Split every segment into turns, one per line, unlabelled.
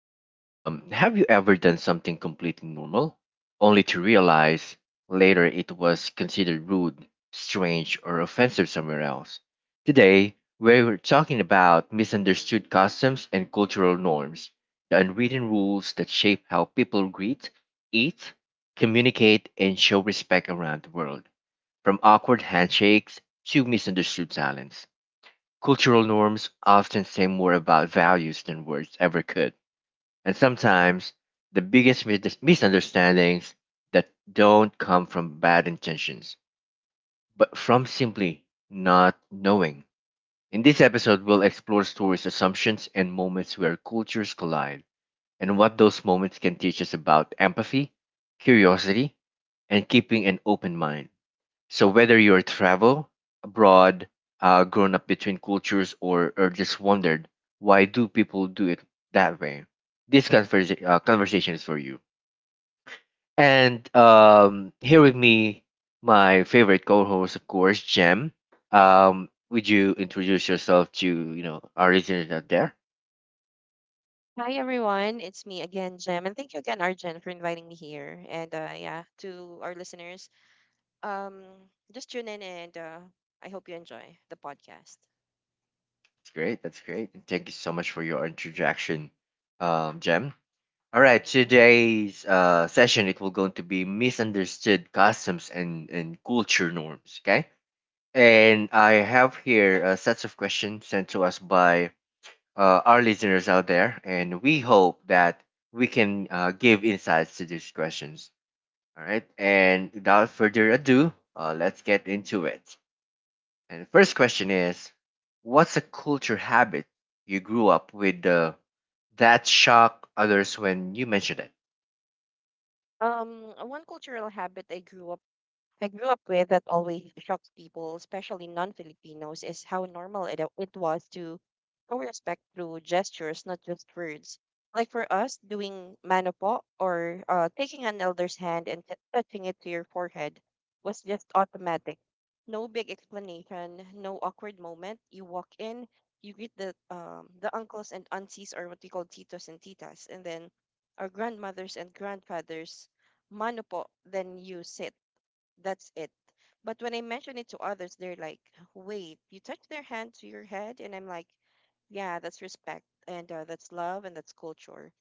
And Have you ever done something completely normal, only to realize later it was considered rude, strange, or offensive somewhere else? Today, we're talking about misunderstood customs and cultural norms, the unwritten rules that shape how people greet, eat, communicate, and show respect around the world, from awkward handshakes to misunderstood silence. Cultural norms often say more about values than words ever could. And sometimes the biggest misunderstandings that don't come from bad intentions, but from simply not knowing. In this episode, we'll explore stories, assumptions, and moments where cultures collide, and what those moments can teach us about empathy, curiosity, and keeping an open mind. So whether you're travel abroad, grown up between cultures, or just wondered why do people do it that way, this conversation is for you. And Here with me, my favorite co-host, of course, Jem. Would you introduce yourself to our listeners out there?
Hi everyone, it's me again, Jem, and thank you again, Arjen, for inviting me here. And yeah, to our listeners, um, just tune in and I hope you enjoy the podcast.
That's great. That's great. And thank you so much for your introduction, Jem. All right, today's session it will going to be misunderstood customs and culture norms. Okay, and I have here sets of questions sent to us by our listeners out there, and we hope that we can give insights to these questions. All right, and without further ado, let's get into it. And the first question is, what's a culture habit you grew up with that shocked others when you mentioned it?
One cultural habit I grew up with that always shocks people, especially non Filipinos, is how normal it was to show respect through gestures, not just words. Like for us, doing manopo or taking an elder's hand and touching it to your forehead was just automatic. No big explanation, no awkward moment. You walk in, you greet the uncles and aunties, or what we call titos and titas, and then our grandmothers and grandfathers, manopo, then you sit that's it. But when I mention it to others, they're like, wait, you touch their hand to your head? And I'm like, yeah, that's respect and that's love and that's culture.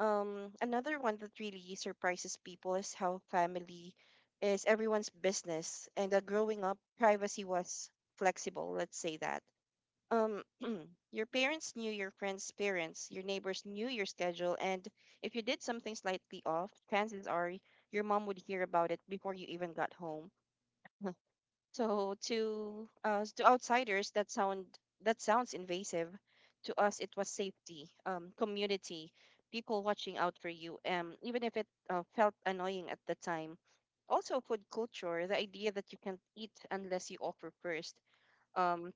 Another one that really surprises people is how family is everyone's business. And growing up, privacy was flexible, let's say that. Um, your parents knew your friends' parents, your neighbors knew your schedule, and if you did something slightly off, chances are your mom would hear about it before you even got home. So to us, to outsiders, that sounds invasive. To us, it was safety, community, people watching out for you, even if it felt annoying at the time. Also, food culture, the idea that you can't eat unless you offer first. Um,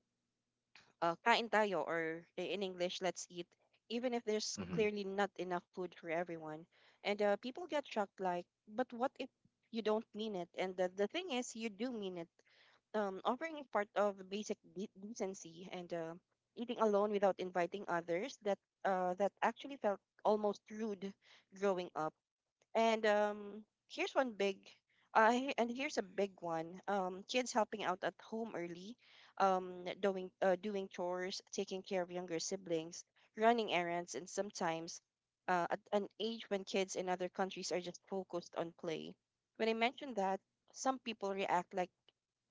Kain tayo, or in English, let's eat, even if there's
Mm-hmm.
clearly not enough food for everyone. And people get shocked, like, but what if you don't mean it? And the thing is, you do mean it offering is part of basic decency and eating alone without inviting others that that actually felt almost rude growing up. And um, here's one big, and here's a big one. Kids helping out at home early, doing doing chores, taking care of younger siblings, running errands, and sometimes. At an age when kids in other countries are just focused on play. When I mentioned that, some people react like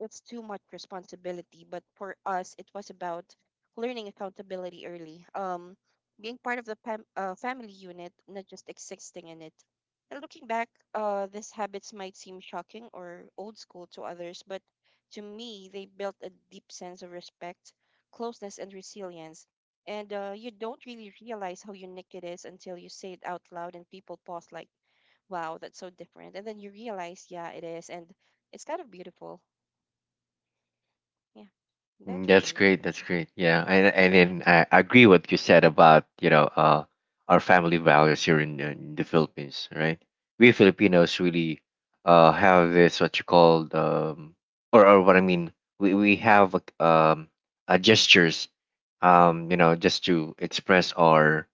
it's too much responsibility. But for us, it was about learning accountability early, being part of the family unit, not just existing in it. And looking back, these habits might seem shocking or old school to others, but to me, they built a deep sense of respect, closeness, and resilience. And you don't really realize how unique it is until you say it out loud and people pause, like, wow, that's so different. And then you realize, yeah, it is. And it's kind of beautiful. Yeah,
Mm,
that for
that's
me.
great. That's great. Yeah, and then I agree what you said about our family values here in the Philippines, right? We Filipinos really have this what you call or what I mean we have like, gestures just to express our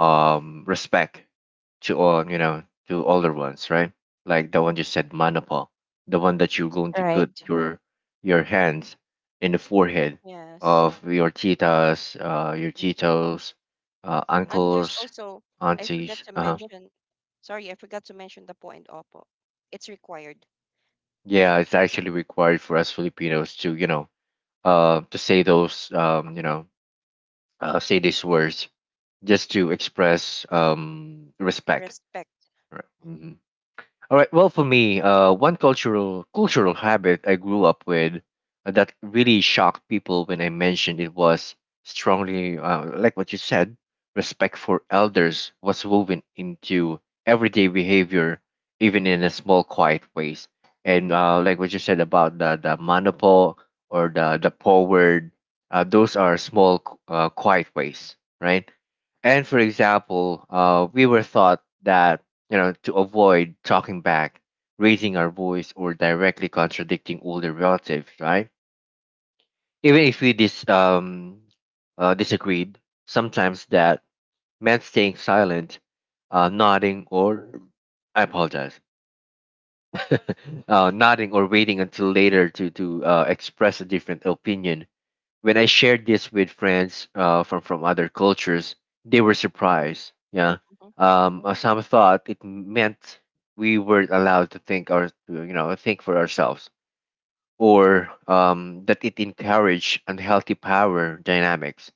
respect to all to older ones, right? Like the one you said, manapa, the one that you're going to put
Right.
your hands in the forehead
Yes,
of your titas, your
and Tito's.
titos,
And there's
uncles,
also, I forgot
aunties.
to mention, sorry, I forgot to mention the po and opo. It's required.
Yeah, it's actually required for us Filipinos to, to say those, say these words just to express respect.
Respect.
Right. Mm-hmm. All right. Well, for me, one cultural habit I grew up with that really shocked people when I mentioned it was strongly, like what you said, respect for elders was woven into everyday behavior, even in a small, quiet ways. And like what you said about the manopo or the forward, those are small, quiet ways, right? And for example, we were taught that to avoid talking back, raising our voice, or directly contradicting older relatives, right? Even if we disagreed, sometimes that meant staying silent, nodding, or I apologize, nodding or waiting until later to express a different opinion when I shared this with friends from other cultures, they
Yeah.
were surprised. Yeah,
Hmm.
some thought it meant we were not allowed to think or to, think for ourselves, or that it encouraged unhealthy power dynamics.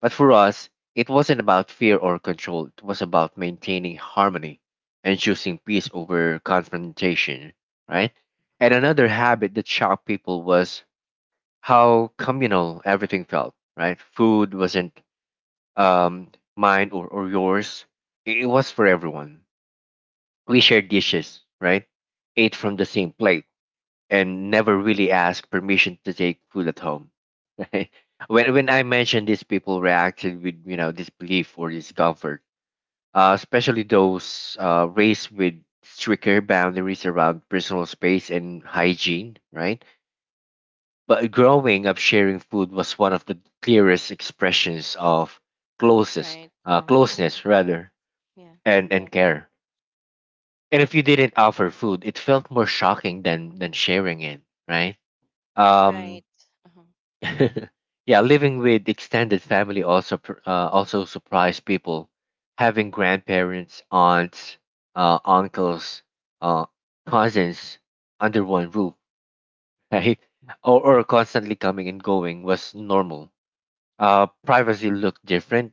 But for us, it wasn't about fear or control. It was about maintaining harmony and choosing peace over confrontation. Right. And another habit that shocked people was how communal everything felt, right? Food wasn't um, mine or yours, it was for everyone. We shared dishes, right? Ate from the same plate and never really asked permission to take food at home, right? When I mentioned this, people reacted with, disbelief or discomfort, especially those raised with stricter boundaries around personal space and hygiene, right? But growing up sharing food was one of the clearest expressions of closest
Right. Hmm.
closeness rather
Yeah.
and care. And if you didn't offer food, it felt more shocking than sharing it, right? Um
Right. Uh.
yeah, living with extended family also also surprised people. Having grandparents, aunts, uncles, uh, cousins under one roof, right? Or constantly coming and going was normal. Privacy looked different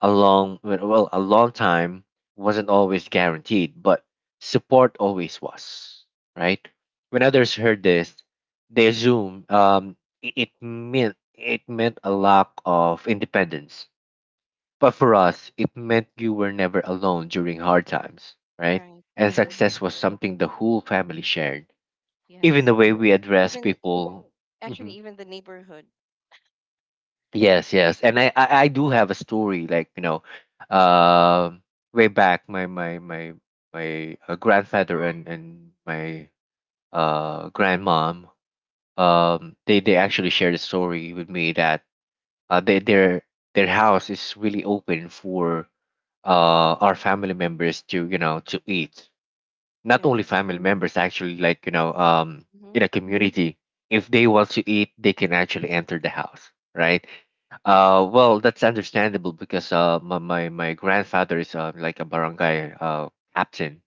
along a long time wasn't always guaranteed, but support always was, right? When others heard this they assumed it meant a lack of independence, but for us it meant you were never alone during hard times, right?
Right.
And
Uh.
success was something the whole family shared, even
Yes.
the way we address
Even, i-
people.
Actually,
Mm-hmm.
even the neighborhood.
Yes, yes, and I do have a story like um, way back my grandfather and my grandmom they actually shared a story with me that they their house is really open for our family members to to eat, not only
Yes.
family members actually,
Mm-hmm.
in a community. If they want to eat they can actually enter the house, right? Well, that's understandable because my grandfather is like a barangay captain.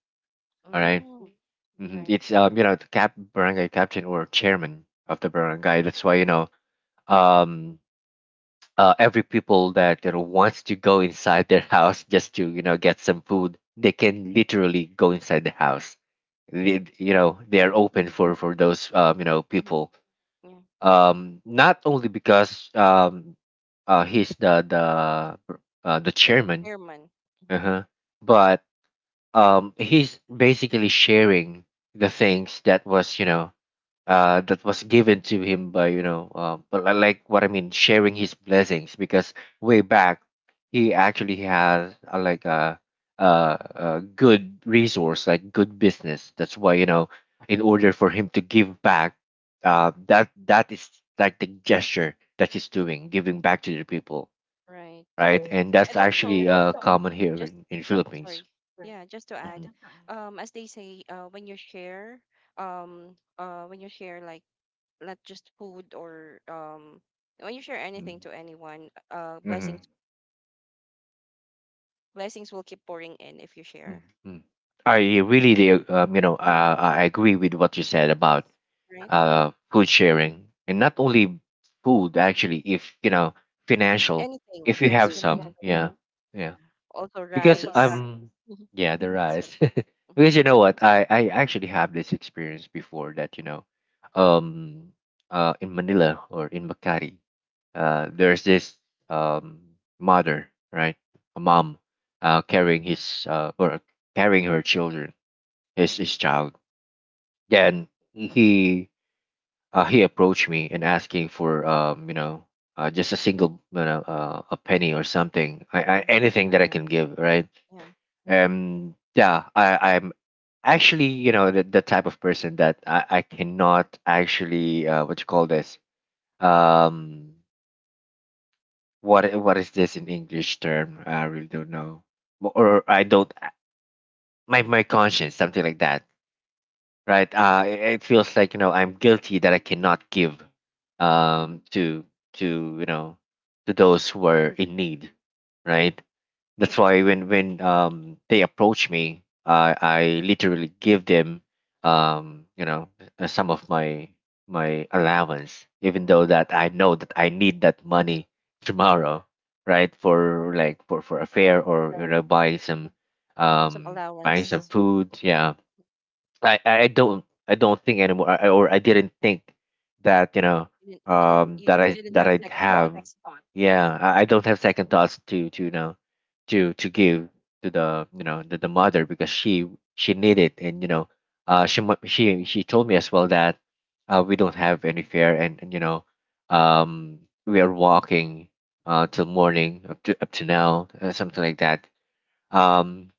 All right?
Oh,
Mhm.
right.
It's the cap barangay captain or chairman of the barangay. That's why um every people that wants to go inside their house just to get some food, they can literally go inside the house. They, they are
Yeah.
open for those
Mm-hmm.
people,
Yeah.
not only because he's the
The
chairman,
chairman. Hmm.
uh-huh, but he's basically sharing the things that was that was given to him by but I like what I mean sharing his blessings because way back he actually has like a good resource, like good business, that's why in order for him to give back, that is like the gesture that he's doing, giving back to the people,
Right.
right? And that's
And
actually
also,
common here
just
in Philippines.
sorry. Yeah, just to add, as they say, when you share like not just food or when you share anything to anyone,
Hmm.
blessings will keep pouring in if you
Mm,
share.
mm. I really, do,
Mm-hmm.
I agree with what you said about
Right?
food sharing, and not only food. Actually, if you know, financial.
Anything,
If you
yes,
have some,
financial,
yeah, yeah,
yeah. Also
because
rice.
um,
Mhm.
yeah, the
That's what.
rice.
Mm-hmm.
Because you know what, I actually have this experience before that um, in Manila or in Makati, there's this um mother, right, a mom, carrying his or carrying her children, his child. Then he he approached me and asking for just a single a penny or something, I
Uh-huh.
anything that I can give, right?
Yeah.
Yeah, I'm actually, the type of person that I cannot actually, what you call this? Um, what is this in English term? I really don't know, Mo- or I don't. My conscience, something like that, right? It feels like I'm guilty that I cannot give, um, to to you know, to those who are in need, right? That's why when they approach me, I literally give them um you know some of my my allowance, even though that I know that I need that money tomorrow, right? For like for a fare
Right.
or
Mm-hmm. Or some allowance,
buy some
something.
food, yeah,
Mhm.
I don't think anymore, I, or I didn't think that
You didn't. You didn't.
that I
You didn't
that
have
I'd
second
have.
thoughts. Mm-hmm.
Yeah, I don't have second thoughts to to give to the the mother because she needed, and you know she mu- she told me as well that we don't have any fare, and you know um we are walking till morning up to now, something like that. um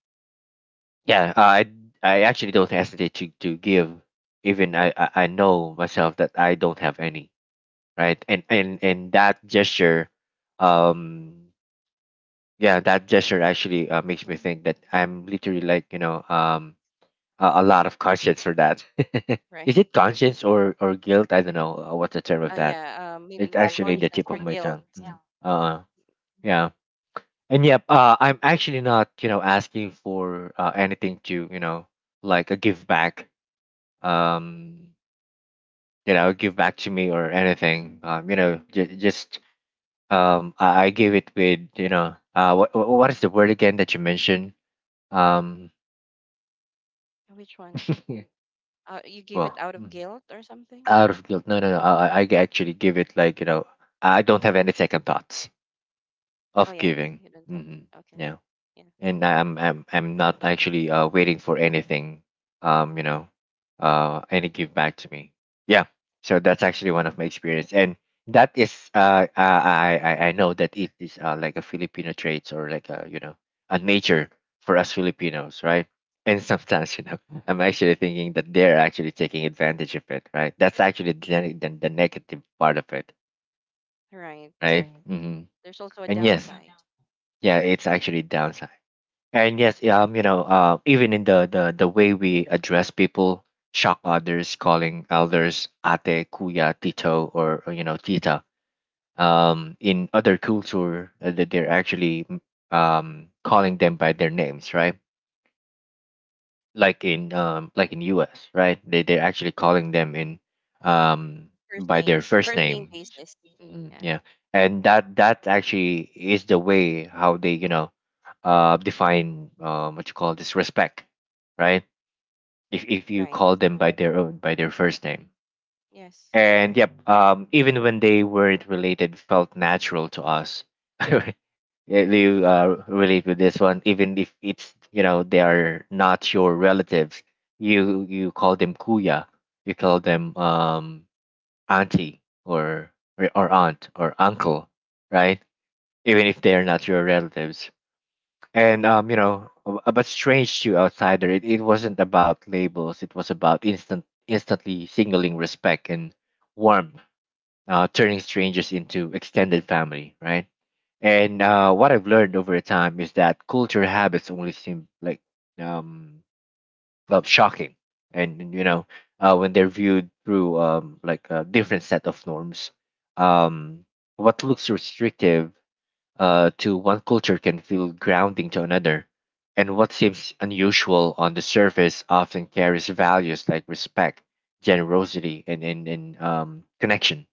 yeah, I actually don't hesitate to give, even I, I know myself that I don't have any, right? And that gesture, um yeah, that gesture actually makes me
Mm-hmm.
think that I'm literally like
Yeah.
a lot of conscience for that. Is
Right.
it conscience or guilt? I don't know, what's the term of
Oh
that?
yeah, maybe
It's actually the
conscience
tip
or
of my
guilt.
tongue. Mhm. Yeah. And yep, I'm actually not asking for anything to like a give back, um, give back to me or anything. I give it with what is the word again that you mentioned? Um,
Which one? You gave it
well,
out of guilt or something?
out of guilt. No, no, no. I actually give it like I don't have any second thoughts
Oh
of
yeah,
giving.
you don't have.
Mm-hmm.
Okay,
Yeah.
yeah,
And I'm not actually waiting for anything, um, you know, any give back to me. Yeah, so that's actually one of my experience, and that is I know that it is like a Filipino traits or like a a nature for us Filipinos, right? And sometimes I'm actually thinking that they're actually taking advantage of it, right? That's actually the negative part of it,
right.
right?
There's also a
And yes,
downside.
yeah, it's actually downside. And yes, even in the way we address people, shock others, calling elders ate, kuya, tito, or tita. In other culture, that they're actually calling them by their names, right? Like in like in US, right? They're actually calling them in um
First
by their
names,
first
first name
name.
basis. Yeah,
Yeah. And that actually is the way how they, define what you call this respect, right? If you
right.
call them by their own by their first name.
Yes,
And
right,
yep, even when they weren't related, felt natural to us. Yeah, you relate with this one, even if it's you know they are not your relatives. You call them kuya, you call them auntie or aunt or uncle, right? Even if they are not your relatives. And but strange to outsider, it wasn't about labels. It was about instantly signaling respect and warmth, turning strangers into extended family, right? And what I've learned over time is that culture habits only seem like um, shocking, and, you know when they're viewed through like a different set of norms. Um, what looks restrictive to one culture can feel grounding to another, and what seems unusual on the surface often carries values like respect, generosity, and connection,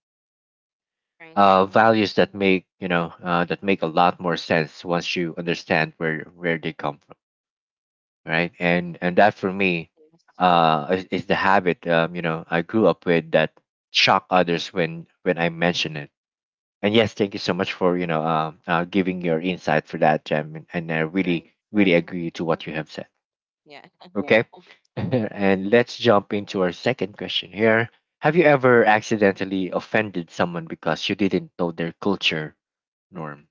right. Mm-hmm.
values that make you know that make a lot more sense once you understand where they come from, right? And that for me
Yes,
is the habit, I grew up with that shock others when I mention it. And yes, thank you so much for giving your insight for that, Jem, and I
right.
really really
Mm-hmm.
agree to what you have said.
Yeah,
Okay.
yeah.
And let's jump into our second question here. Have you ever accidentally offended someone because you didn't know their culture norm?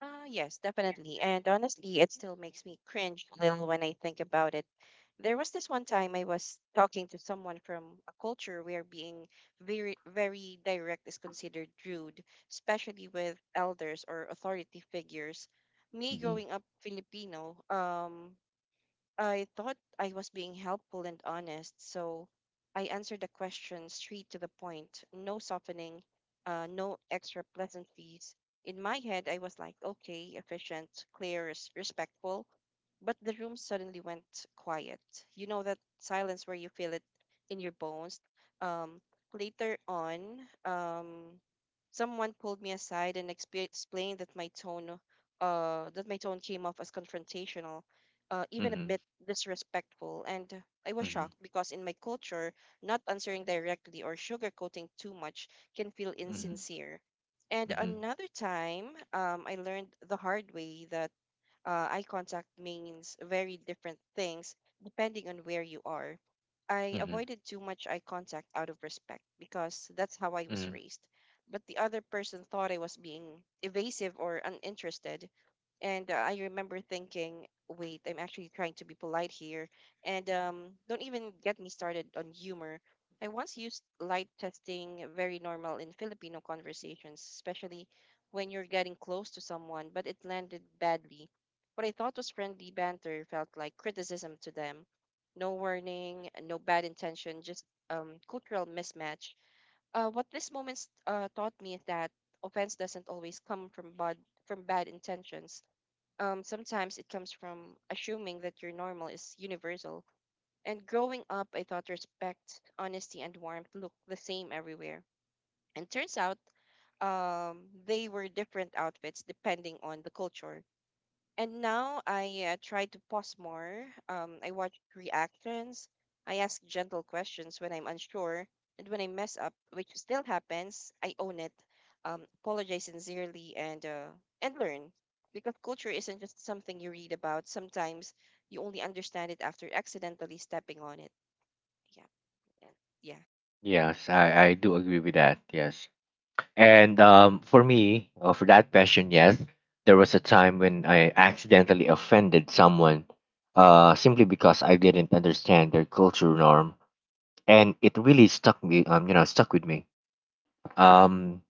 Yes, definitely. And honestly, it still makes me cringe a little when I think about it. There was this one time I was talking to someone from a culture where being very, very direct is considered rude, especially with elders or authority figures. Me
Mm-hmm.
growing up Filipino, I thought I was being helpful and honest, so I answered the question straight to the point. No softening, no extra pleasantries. In my head, I was like, okay, efficient, clear, respectful. But the room suddenly went quiet. You know that silence where you feel it in your bones. Um, Later on, um, someone pulled me aside and explained that my tone came off as confrontational even a
Mm-hmm.
bit disrespectful. And I was
Mm-hmm.
shocked because in my culture, not answering directly or sugarcoating too much can feel
Mm-hmm.
insincere. And
Mm-hmm.
another time, I learned the hard way that eye contact means very different things depending on where you are. I
Mm-hmm.
avoided too much eye contact out of respect because that's how I was
Mm-hmm.
raised. But the other person thought I was being evasive or uninterested. And I remember thinking, wait, I'm actually trying to be polite here. And don't even get me started on humor. I once used light testing, very normal in Filipino conversations, especially when you're getting close to someone, but it landed badly what I thought was friendly banter felt like criticism to them. No warning, no bad intention, just cultural mismatch. What this moment taught me is that offense doesn't always come from bad intentions. Sometimes it comes from assuming that your normal is universal. And growing up, I thought respect, honesty, and warmth looked the same everywhere. And turns out, um, they were different outfits depending on the culture and now I try to pause more. I watch reactions. I ask gentle questions when I'm unsure. And when I mess up, which still happens, I own it, apologize sincerely, and learn. Because culture isn't just something you read about. Sometimes you only understand it after accidentally stepping on it. Yeah. Yeah. Yeah.
Yes, I do agree with that. Yes. And for me, for that question, yes, there was a time when I accidentally offended someone simply because I didn't understand their culture norm. And it really stuck me, stuck with me. Um,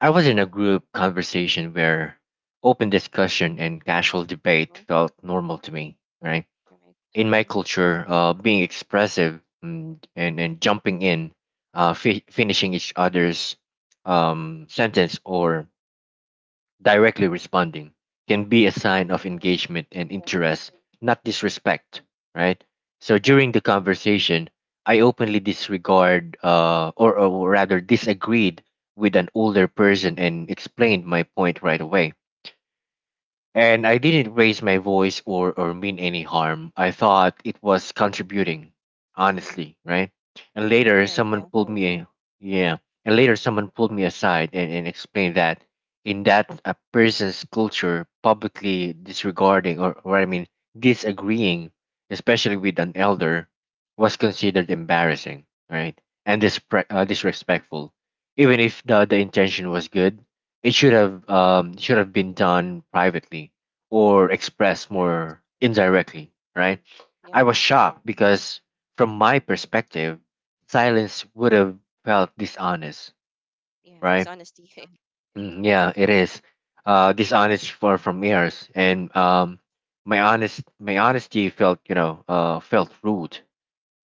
I was in a group conversation where open discussion and casual debate
Mm-hmm.
felt normal to me, right?
Right.
In my
Mm-hmm.
culture, being expressive and jumping in, finishing each other's sentence or directly responding can be a
Mm-hmm.
sign of engagement and
Yeah.
interest, not disrespect, right? So
Yeah.
during the conversation, I openly disregard or rather disagreed with an older person and explained my point right away, and I didn't raise my voice or mean any harm. I thought it was contributing, honestly, right? And later
Right.
someone
Yeah.
pulled me, yeah. And later someone pulled me aside and explained that in that a person's culture, publicly disregarding, or I mean disagreeing, especially with an elder, was considered embarrassing, right? And disrespectful, even if the intention was good. It should have been done privately or expressed
Right.
more
Mm-hmm.
indirectly, right? I
Yeah.
was shocked because, from my perspective, silence would have felt dishonest,
Yeah.
right?
Dishonesty. Mm-hmm.
Yeah, it is dishonest for from ears, and my honesty felt felt rude.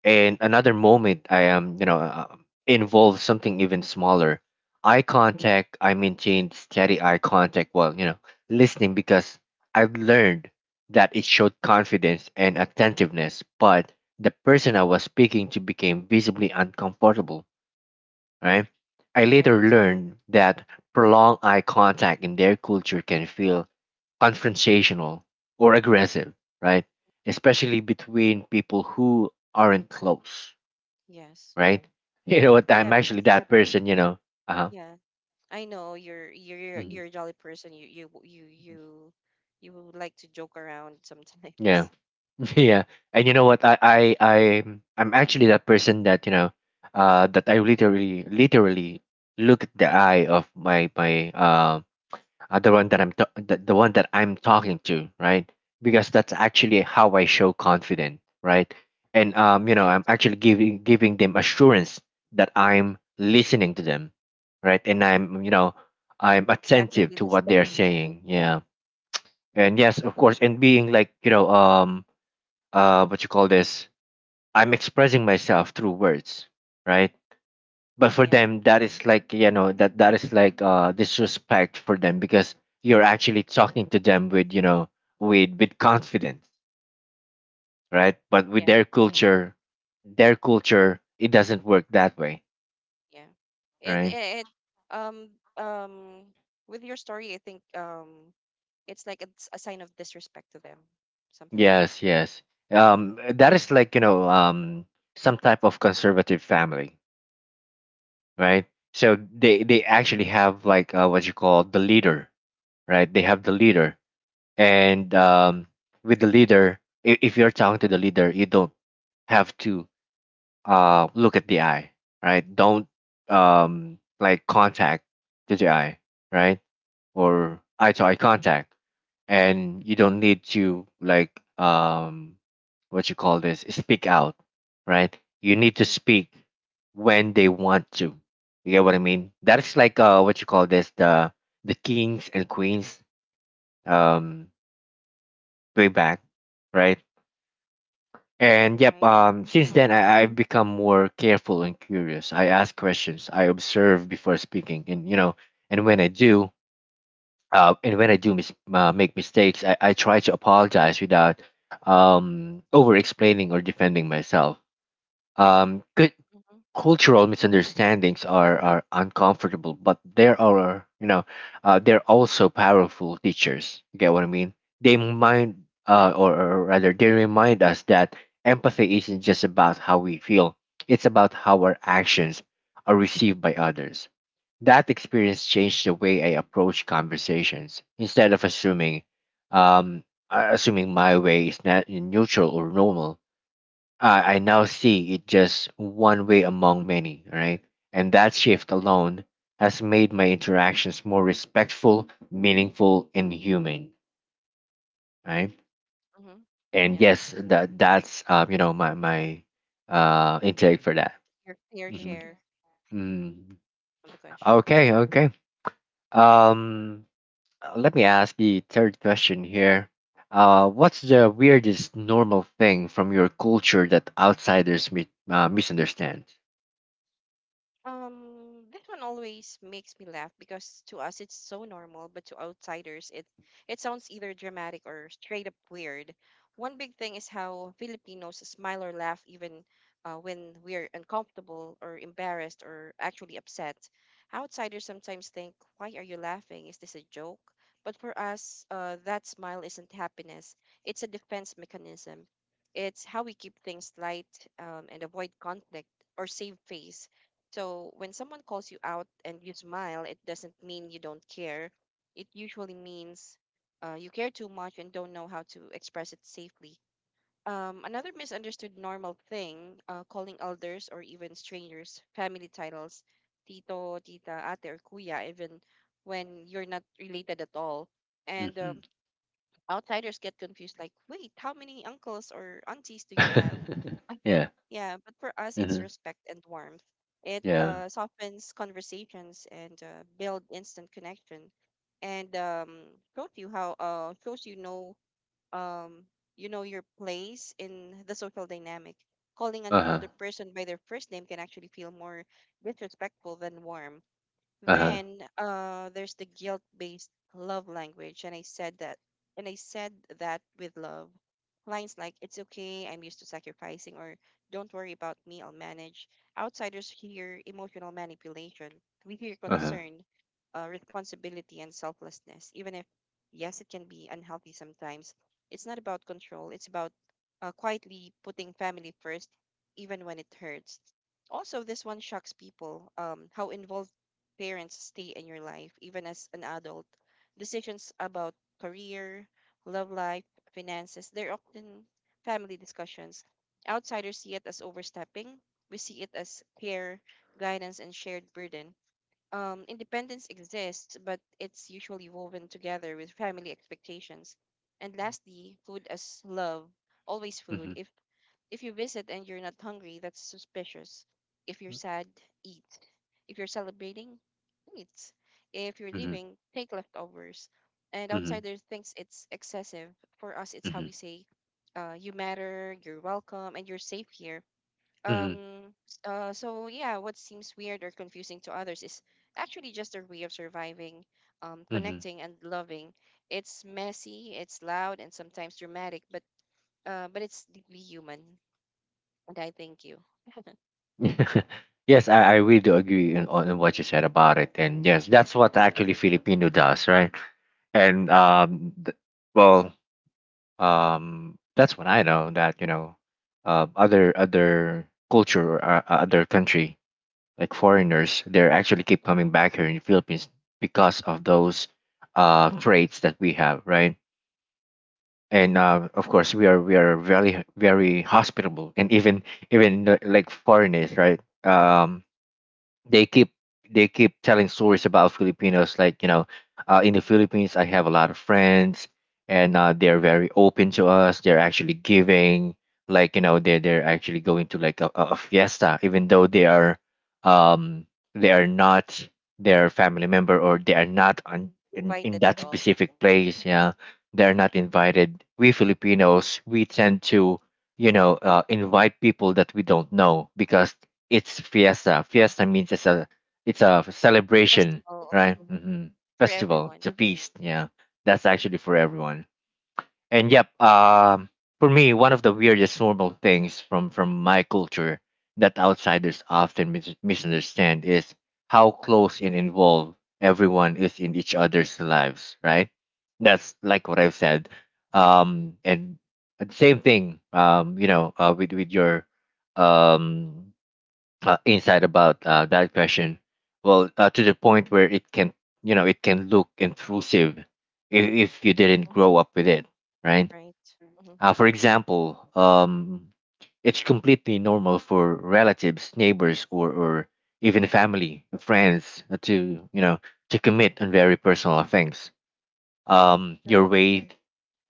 And another moment I am you know involves something even smaller: eye contact. I maintained steady eye contact while listening because I've learned that it showed confidence and attentiveness, but the person I was speaking to became visibly uncomfortable, right? I later
Right.
learned that prolonged eye contact in their culture can feel confrontational or aggressive, right? Especially between people who aren't close,
Yes.
right? You know what? I'm
Yeah, because
actually that person. You know. Uh huh.
yeah, I know you're
Mhm.
a jolly person. You would like to joke around sometimes,
Yeah.
Mm,
Yeah. And you know what? I'm actually that person that that I literally look at the eye of my my the one that I'm talking to, right? Because that's actually how I show confident, right? And
right?
I'm actually giving them assurance that I'm listening to them, right? And I'm attentive
Proactively
to what
listening.
they're
Yeah,
saying, yeah. And yes, of course, and being like what you call this? I'm expressing myself through words, right? But for
yeah,
them that is like that that is like disrespect for them because you're actually talking to them with with confidence, right? But with
yeah,
their Mm-hmm. culture,
hmm
their culture, it doesn't work that way,
yeah.
right?
It um um with your story, I think it's like it's a sign of disrespect to them, something like that,
Yes, yes. That is like some type of conservative family, right? So they actually have like what you call the leader, right? They have the leader. And with the leader, I- if you're talking to the leader, you don't have to look at the eye, right? Don't like contact to the eye, right? Or eye to eye contact. And you don't need to like what you call this, speak out, right? You need to speak when they want to. You get what I mean? That's like what you call this, the kings and queens, um, way back, right? And yep,
right?
since
Mm-hmm,
then I've become more careful and curious. I ask questions, I observe before speaking, and and when I do, and when I do make mistakes, I try to apologize without over explaining or defending myself. Um,
mm-hmm.
Cultural misunderstandings are uncomfortable, but there are you know they're also powerful teachers. You get what I mean? They mind,
Right,
or rather they remind us that empathy isn't just about how we feel; it's about how our actions are received by others. That experience changed the way I approach conversations. Instead of assuming um, assuming my way is not neutral or normal, I now see it just one way among many, right? And that shift alone has made my
right.
interactions more respectful, meaningful, and human, right?
Mm-hmm.
And
Yeah.
yes, that that's you know my my intake for
Wait,
that.
your fair
Mhm.
share Mhm.
Mm.
of the question.
Okay, okay. Um, Let me ask the third question here. What's the weirdest normal thing from your culture that outsiders misunderstand?
This one always makes me laugh because to us it's so normal, but to outsiders it sounds either dramatic or straight up weird. One big thing is how Filipinos smile or laugh even when we're uncomfortable or embarrassed or actually upset. Outsiders sometimes think, "Why are you laughing? Is this a joke?" But for us, that smile isn't happiness. It's a defense mechanism. It's how we keep things light and avoid conflict or save face so when someone calls you out and you smile, it doesn't mean you don't care. It usually means you care too much and don't know how to express it safely. Another misunderstood normal thing, calling elders or even strangers family titles, tito, tita, ate, or kuya, even when you're not related at all. And
Hmm
outsiders get confused, like, wait, how many uncles or aunties do you have?
Yeah.
Yeah, but for us, it's
hmm
respect and warmth. It
Yeah.
softens conversations and build instant connection, and shows um, you know your place in the social dynamic. Calling
Uh
an
huh.
older person by their first name can actually feel more disrespectful than warm.
Uh huh.
Then there's the guilt-based love language, and I said that, and I said with love. Lines like "It's okay, I'm used to sacrificing," or "Don't worry about me, I'll manage." Outsiders hear emotional manipulation. We hear
Uh huh.
concern, responsibility, and selflessness. Even if, yes, it can be unhealthy sometimes. It's not about control. It's about quietly putting family first, even when it hurts also this one shocks people how involved parents stay in your life, even as an adult. Decisions about career, love life, finances, they're often family discussions. Outsiders see it as overstepping. We see it as care, guidance, and shared burden. Independence exists, but it's usually woven together with family expectations. And lastly, food as love, always food.
Mm-hmm.
If you visit and you're not hungry, that's suspicious. If you're sad, eat. If you're celebrating, eat. If you're
Mm-hmm.
leaving, take leftovers. And outsiders thinks it's excessive. For us, it's how
Mm-hmm.
we say, you matter, you're welcome, and you're safe here. So yeah, what seems weird or confusing to others is actually just their way of surviving,
Mm-hmm.
connecting and loving. It's messy, it's loud, and sometimes dramatic, but it's deeply human. And I thank you.
Yes, I really do agree on what you said about it, and yes, that's what actually Filipino does, right? And well, that's what I know that other other culture or other country like foreigners, they actually keep coming back here in the Philippines because of those traits that we have, right? And of course, we are very very hospitable, and even like foreigners, right? They keep telling stories about Filipinos. Like in the Philippines, I have a lot of friends, and they're very open to us. They're actually giving, like they're actually going to like a fiesta, even though um, they are not their family member or they are
Yeah,
not on, in
invited at
that
all.
specific place. Yeah, they're not invited. We Filipinos, we tend to invite people that we don't know because it's fiesta. Fiesta means it's a celebration,
Festival,
right?
mhm,
hmm
for
Festival. It's
everyone.
a feast. Yeah, that's actually for everyone. And yep, for me, one of the weirdest normal things from my culture that outsiders often misunderstand is how close and involved everyone is in each other's lives. Right? That's like what I've said. And the same thing. With your um insight about that question. Well, to the point where it can, you know, it can look intrusive if you didn't
Mm-hmm.
grow up with it, right?
Right. Mm-hmm.
For example, it's completely normal for relatives, neighbors, or even family, friends to you know to commit on very personal things. Your
Right.
weight,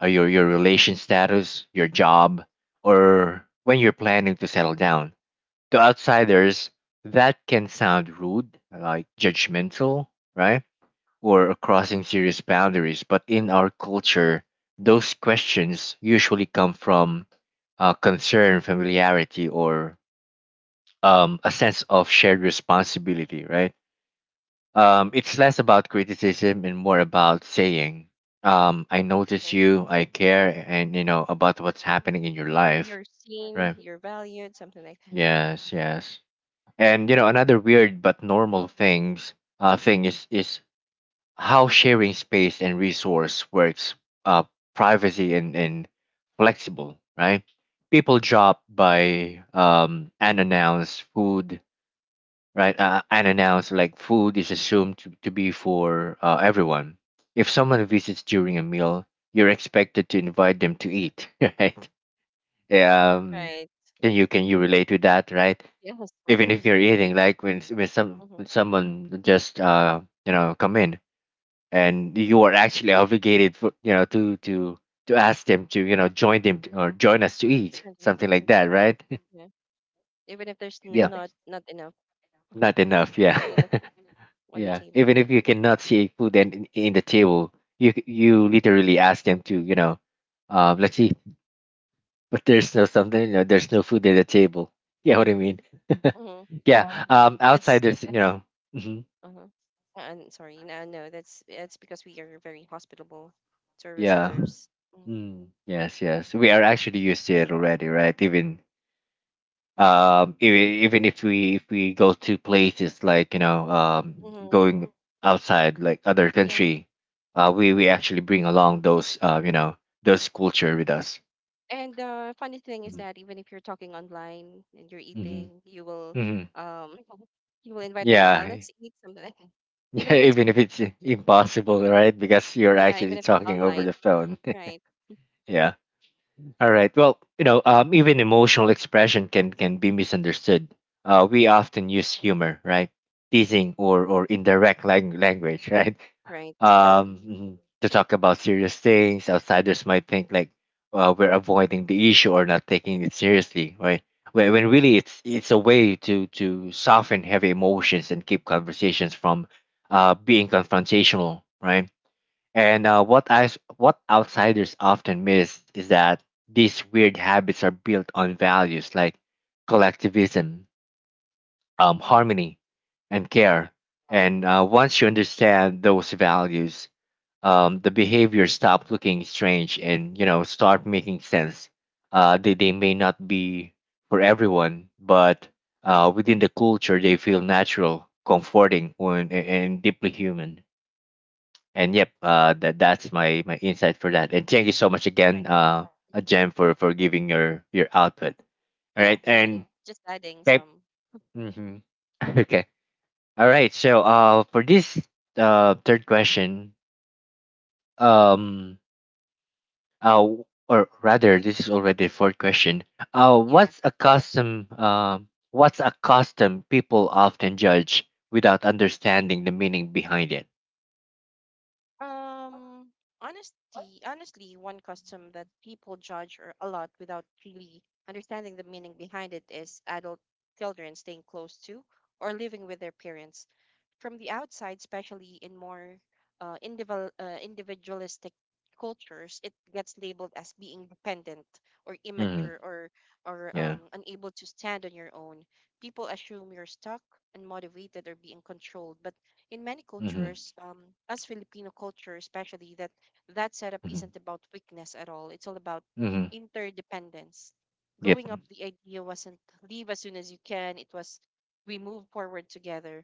your relation status, your job, or when you're planning to settle down to outsiders, that can sound rude, like judgmental, right? Or crossing serious boundaries. But in our culture, those questions usually come from concern, familiarity, or a sense of shared responsibility, right? It's less about criticism and more about saying, I notice
Mm-hmm.
you, I care, and you know about what's happening in your life,
You're seen,
right?
you're valued, something like that.
Yes, yes. And you know, another weird but normal thing is how sharing space and resource works. Uh, privacy and flexible, right? People drop by unannounced food, right? Unannounced like food is assumed to be for everyone. If someone visits during a meal, you're expected to invite them to eat, right? Um,
Right.
can
Mm-hmm.
you can you relate to that, right?
Yes, of
Even if
course.
you're eating, like when
Mm-hmm.
someone just you know come in and you are actually obligated for you know to ask them to you know join them or join us to eat, something like that,
Mm-hmm.
right?
Yeah. Even if there's
Yeah,
not enough,
not enough, yeah.
not enough food on the
Yeah,
table.
even if you cannot see food in the table, you you literally ask them to, you know, let's see. But there's no something, you know,
Yes.
there's no food at the table. Yeah, what I
Yeah.
mean.
Mm-hmm.
Yeah,
Yeah, that's.
outside there's you know.
Uh-huh. And sorry, no, no, that's it's because we are very hospitable to our
Yeah.
visitors. Mm,
Mm. Yes, yes. We are actually used to it already, right? Um even,
yeah.
even if we go to places like, you know,
Mm-hmm.
going outside, like other
Yeah.
country, we actually bring along those you know, those culture with us.
And the funny thing is
Mhm.
that even if you're talking online and you're
Mm-hmm.
eating, you will
Hmm.
um you will invite them,
Yeah.
let's eat something. Even
Yeah,
if it's
even if it's impossible, right? Because you're
yeah, even
actually
if it's
talking over
online.
the phone.
Right,
Yeah. All right. Well, you know, even emotional expression can be misunderstood. We often use humor, right? Teasing or indirect language, right?
right.
Um,
Mm-hmm.
mhm, to talk about serious things, outsiders might think like we're avoiding the issue or not taking it seriously, right? When really it's a way to soften heavy emotions and keep conversations from being confrontational, right? And what outsiders often miss is that these weird habits are built on values like collectivism,
Mm-hmm.
harmony, and
Yeah,
care. And once you understand those values, the behaviors stop looking strange and you know start making sense. They may not be for everyone, but within the culture, they feel natural, comforting, and deeply human. And yep, that that's my my insight for that, and thank you so much again,
right.
Jen, for giving your output. All
Yeah.
right. And
Just adding
thank.
some.
Hmm. Okay. All right, so for this third question, um or rather, this is already the fourth question. Uh,
Yeah.
what's a custom, what's a custom people often judge without understanding the meaning behind it?
Um honestly, one custom that people judge or a lot without really understanding the meaning behind it is adult children staying close to or living with their parents. From the outside, especially in more individualistic cultures, it gets labeled as being dependent or
Mm-hmm.
immature, or or
Yeah.
um, unable to stand on your own. People assume you're stuck, unmotivated, or being controlled. But in many
Mm-hmm.
cultures, as Filipino culture especially, that setup
Mm-hmm.
isn't about weakness at all. It's all about
Mm-hmm.
interdependence.
Yep.
Growing up, the idea wasn't leave as soon as you can. It was we move forward together.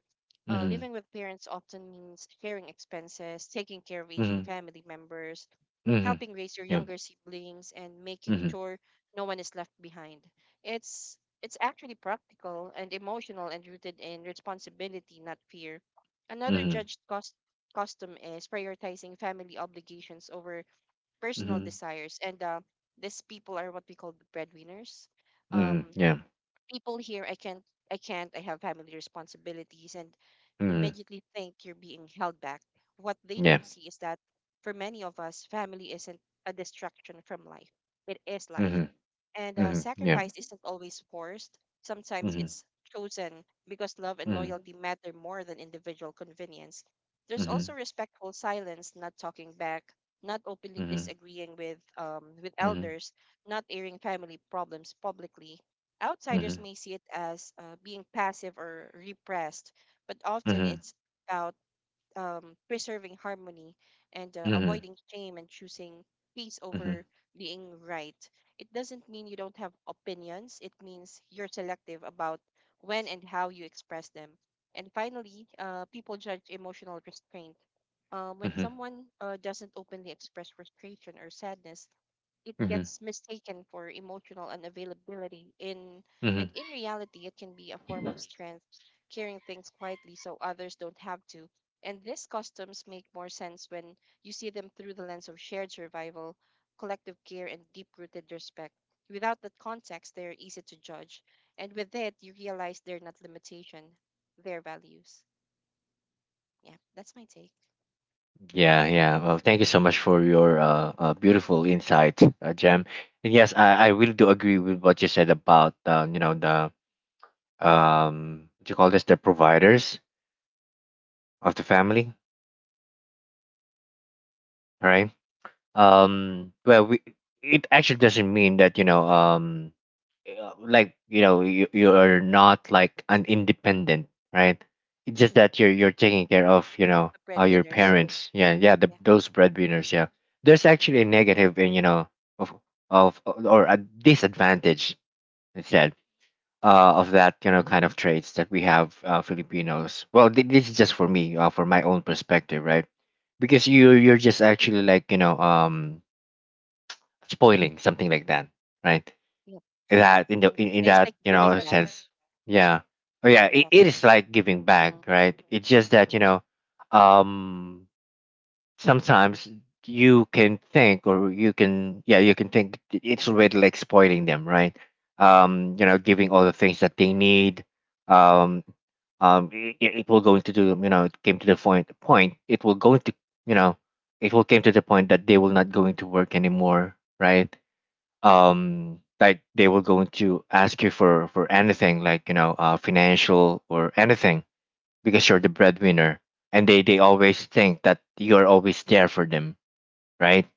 Uh,
Mm-hmm.
Living with parents often means sharing expenses, taking care of aging
Mhm.
family members,
Mm. Mhm.
helping raise your
Yeah.
younger siblings, and making
Mhm.
sure no one is left behind. It's actually practical and emotional and rooted in responsibility, not fear. Another
Mhm.
judged cost custom is prioritizing family obligations over personal
Mhm.
desires, and these people are what we call the breadwinners.
Mhm.
Um,
Yeah.
People here, I can't, I have family responsibilities, and
Mhm.
immediately think you're being held back. What they
Yeah.
don't see is that for many of us, family isn't a distraction from life, it is life.
Mhm.
And
Mhm. Yeah.
sacrifice isn't always forced, sometimes
Mhm.
it's chosen because love and
Mhm.
loyalty matter more than individual convenience. There's also
Mhm.
respectful silence, not talking back, not openly
Mhm.
disagreeing with
Mhm.
elders, not airing family problems publicly. Outsiders
Mhm.
may see it as being passive or repressed, but often
Mhm.
it's about preserving harmony and
Mhm.
avoiding shame and choosing peace
Mhm. Mhm.
over being right. It doesn't mean you don't have opinions, it means you're selective about when and how you express them. And finally, people judge emotional restraint. When
Mhm.
someone doesn't openly express frustration or sadness, it
Mhm.
gets mistaken for emotional unavailability in
Mhm.
and in reality it can be a form of strength, carrying things quietly so others don't have to. And these customs make more sense when you see them through the lens of shared survival, collective care, and deep-rooted respect. Without that context they are easy to judge, and with it you realize they're not limitation, they're values. Yeah, that's my take.
Yeah, yeah. Well, thank you so much for your beautiful insight, Jem. And yes, I really do agree with what you said about you know, the what you call this, the providers of the family, right? Well, we, it actually doesn't mean that, you know, like you know you're not like an independent, right. It's just that you're taking care of, you know,
The
your
breadwinners,
parents, yeah,
yeah,
those breadwinners, yeah. There's actually a negative in, you know, of or a disadvantage instead of that, you know, kind of traits that we have, Filipinos. Well, this is just for me, for my own perspective, right? Because you're just actually, like, you know, spoiling, something like that, right?
yeah. Hmm,
That in in
it's
that,
like
you know,
giving back.
sense. Yeah. Oh yeah,
Giving back.
it is like giving
Mhm.
back, right? It's just that, you know, um sometimes you can think, or you can, yeah, you can think it's already like spoiling them, right? Um, you know, giving all the things that they need. um it, it will go into the, you know, it came to the point, it will go into, you know, it will came to the point that they will not going to work anymore, right? Um, like they were going to ask you for anything, like, you know, financial or anything, because you're the breadwinner, and they always think that you're always there for them, right?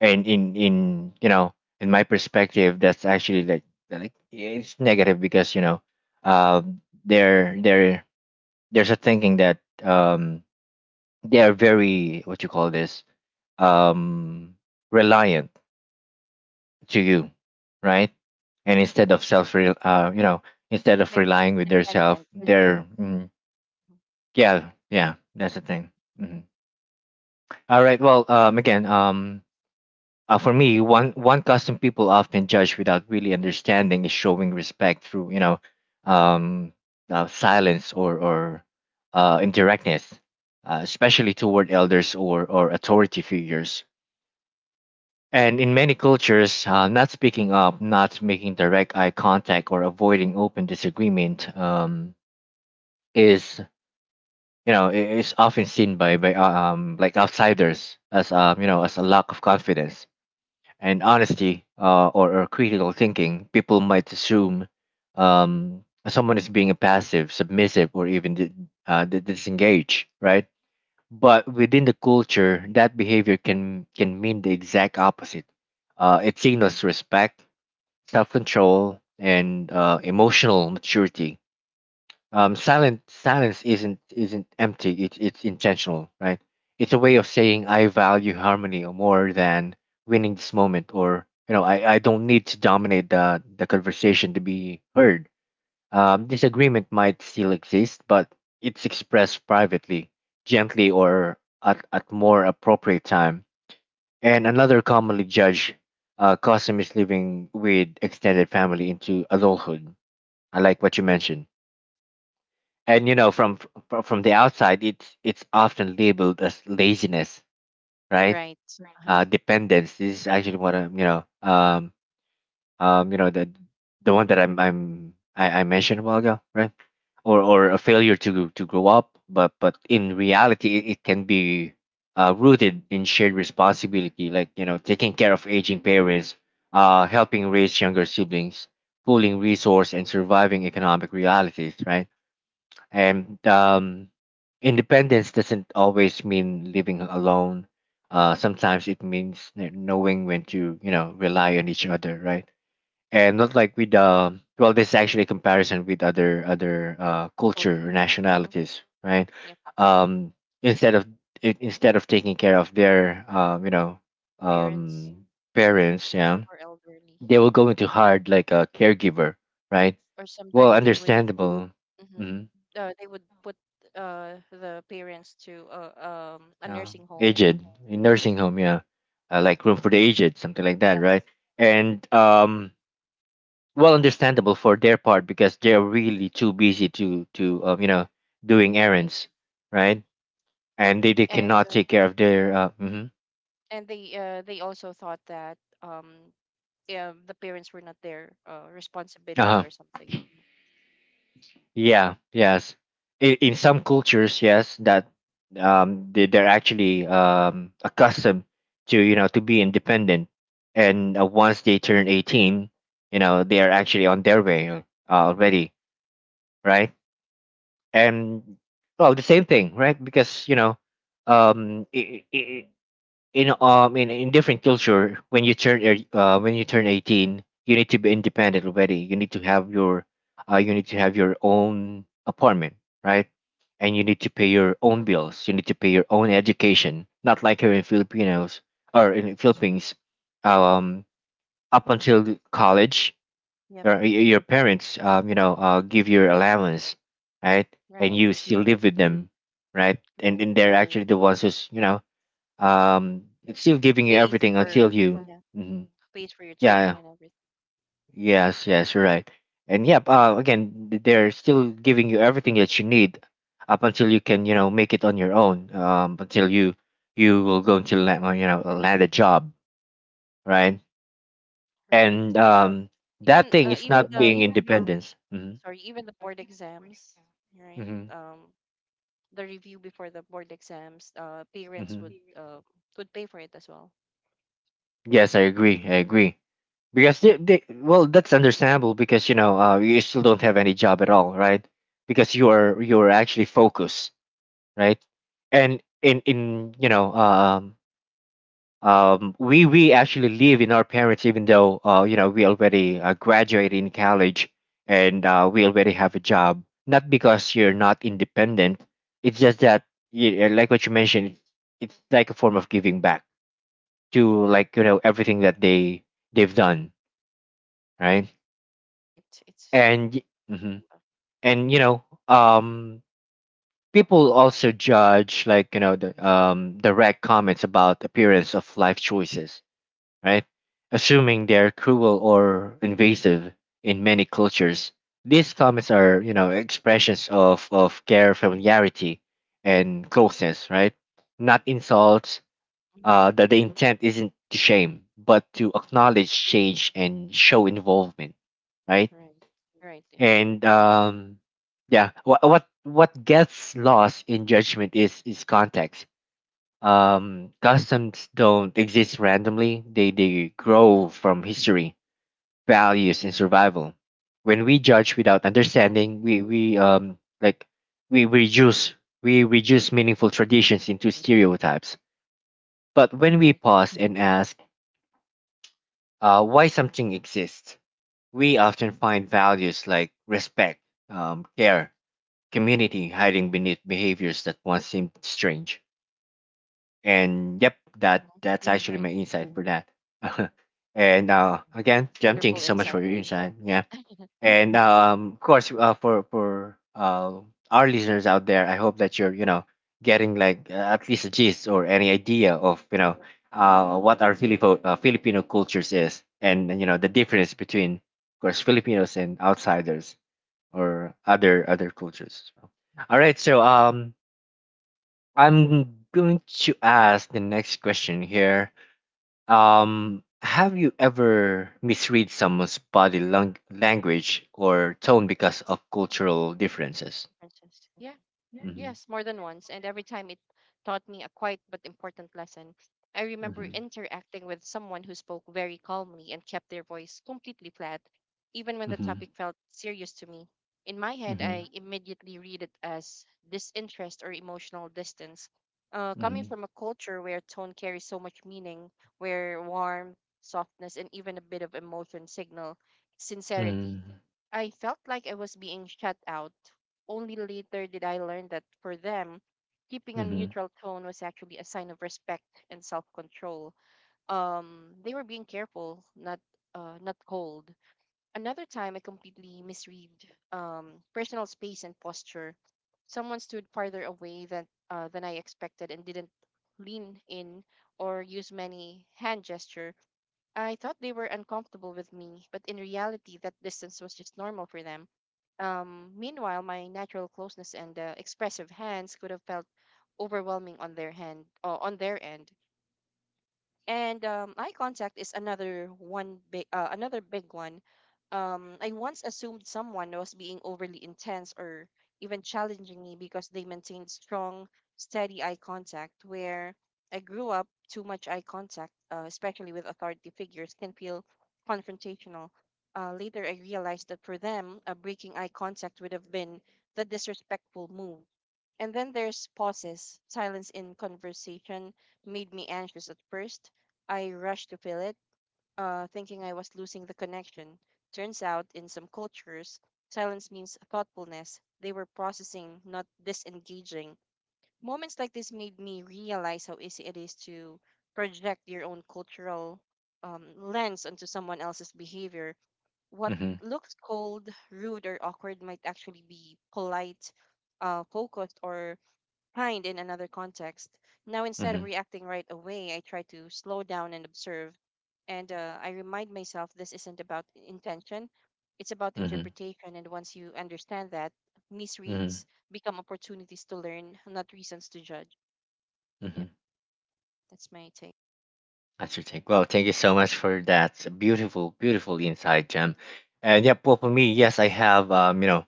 And in you know, in my perspective, that's actually like it's negative, because you know, uh there there there's a thinking that um they are very, what you call this, um reliant to you, right? And instead of you know, instead of
Like
relying with yourself,
dependent,
they're mm,
Mhm.
yeah, yeah, that's the thing. Mhm. All right. Well, for me, one custom people often judge without really understanding is showing respect through, you know, um, silence or indirectness, especially toward elders or authority figures. And in many cultures, not speaking up, not making direct eye contact, or avoiding open disagreement, is, you know, is often seen by like outsiders as, um, you know, as a lack of confidence and honesty, or critical thinking. People might assume someone is being a passive, submissive, or even disengaged, right? But within the culture, that behavior can mean the exact opposite. Uh, it signals respect, self control, and emotional maturity. Silent silence isn't empty. It's intentional, right? It's a way of saying, I value harmony more than winning this moment, or you know, I don't need to dominate the conversation to be heard. Disagreement might still exist, but it's expressed privately, gently, or at more appropriate time. And another commonly judged custom is living with extended family into adulthood. I like what you mentioned. And you know, from from the outside, it's often labeled as laziness, right?
right? Uh-huh.
Dependence. This is actually what I'm, you know, you know, the one that I mentioned a while ago, right? Or a failure to grow up. But in reality it can be rooted in shared responsibility, like you know, taking care of aging parents, helping raise younger siblings, pooling resource, and surviving economic realities, right? And independence doesn't always mean living alone. Uh, sometimes it means knowing when to, you know, rely on each other, right? And not like with, um, well this is actually a comparison with other other culture or
Culture. Mm-hmm.
nationalities, right?
Yep. Hmm.
Um, instead of instead of taking care of their, um, you know,
Parents,
um
mhm,
parents, yeah,
or elderly,
they will
hmm,
go into hard, like a caregiver, right?
or
Well,
sometimes they would,
understandable.
hmm,
Mm.
they would put the parents to a
Um,
nursing home.
aged in nursing home, yeah. Uh, like room for the aged, something like that,
Yes.
right? And um, well, understandable for their part because they're really too busy to you know, doing
Right.
errands, right? And they
And
cannot
uh,
take care of their, hmm.
and they also thought that yeah the parents were not their responsibility
Uh-huh.
or something. Mhm.
Yeah, yes, in some cultures, yes, that they're actually accustomed to, you know, to be independent. And once they turn 18, you know, they are actually on their way, already, right? And well, the same thing, right? Because you know, um i i i- in in different culture, when you turn 18, you need to be independent already. You need to have your you need to have your own apartment, right? And you need to pay your own bills, you need to pay your own education, not like here in Filipinos, or in
Right.
Philippines,
Mm-hmm.
um up until the college,
Yep.
your parents, um, you know, give your allowance, right? And
Right.
you still
Mhm.
live with them, right? and,
Correct.
and they're
Yep.
actually the ones who's, you know, it's still
Who
giving you
pays
everything until
for?
you
Yeah.
Mhm.
Pays for your
Yeah, yeah.
tuition and everything,
Yes, yes, you're right. And yep, again, they're still giving you everything that you need up until you can make it on your own, until you will go to land you know land a job, right.
right?
And that
Even
thing is
even
not
the
being independence. Hmm.
sorry, even the board exams, right?
Hmm.
The review before the board exams, parents
Hmm.
would pay for it as well,
Yes, I agree, I agree, because they well, that's understandable, because you still don't have any job at all, right. Because you are actually focused, right. And in we actually live in our parents, even though we already graduated in college. And we already have a job, not because you're not independent. It's just that, like what you mentioned, it's like a form of giving back to, everything that they've done, right.
right? It's
and y- mhm. And people also judge, the direct comments about appearance of life choices, right, assuming they're cruel or invasive. In many cultures, these comments are, expressions of care, familiarity, and closeness, right, not insults.
mm-hmm.
That the intent isn't to shame but to
Mm-hmm,
acknowledge change and show involvement, right.
right, right, yeah.
And yeah, what gets lost in judgment is context. Customs don't exist randomly. They grow from history, values, and survival. When we judge without
Mhm.
understanding, we reduce we reduce meaningful traditions into stereotypes. But when we
Right,
pause and ask, why something exists, we often find values like respect, care, community hiding beneath behaviors that once seemed strange. And yep,
hmm,
that's actually
right.
my insight for that.
Yeah,
And again,
it's a
Jem, thank
wonderful
you so much for
insight.
your insight. Yeah, and of course, for our listeners out there, I hope that you're getting, like at least a gist or any idea of, what our Filipino cultures is, and the difference between, of course, Filipinos and outsiders or other cultures. All right, so I'm going to ask the next question here. Have you ever misread someone's body language or tone because of cultural differences?
Princess. Yeah.
Mhm.
Yes, more than once, and every time it taught me a quiet but important lesson. I remember
Mhm.
interacting with someone who spoke very calmly and kept their voice completely flat, even when the
Mhm.
topic felt serious to me. In my head,
Mhm.
I immediately read it as disinterest or emotional distance. Coming
Mhm.
from a culture where tone carries so much meaning, where warmth, softness, and even a bit of emotion signal sincerity, I felt like I was being shut out. Only later did I learn that for them, keeping
Mhm.
a
Mhm.
neutral tone was actually a sign of respect and self-control. They were being careful, not cold. Another time, I completely misread personal space and posture. Someone stood farther away than I expected and didn't lean in or use many hand gesture. I thought they were uncomfortable with me, but in reality, that distance was just normal for them. Meanwhile, my natural closeness and expressive hands could have felt overwhelming on their hand, on their end. And eye contact is another big one. I once assumed someone was being overly intense or even challenging me because they maintained strong, steady eye contact. Where I grew up, too much eye contact, especially with authority figures, can feel confrontational. Later, I realized that for them, breaking eye contact would have been the disrespectful move. And then there's pauses. Silence in conversation made me anxious at first. I rushed to fill it, thinking I was losing the connection. Turns out, in some cultures, silence means thoughtfulness. They were processing, not disengaging. Moments like this made me realize how easy it is to project your own cultural lens onto someone else's behavior. What
Mhm.
looks cold, rude, or awkward might actually be polite, focused, or kind in another context. Now, instead of
Mhm.
reacting right away, I try to slow down and observe. And I remind myself this isn't about intention, it's about
Mhm.
interpretation. And once you understand that,
Mhm.
misreads become opportunities to learn, not reasons to judge. Yep,
Mhm.
that's my take.
That's your take. Well, thank you so much for that beautiful, beautiful insight, Jem. And yeah, well, for me, yes, I have, um, you know,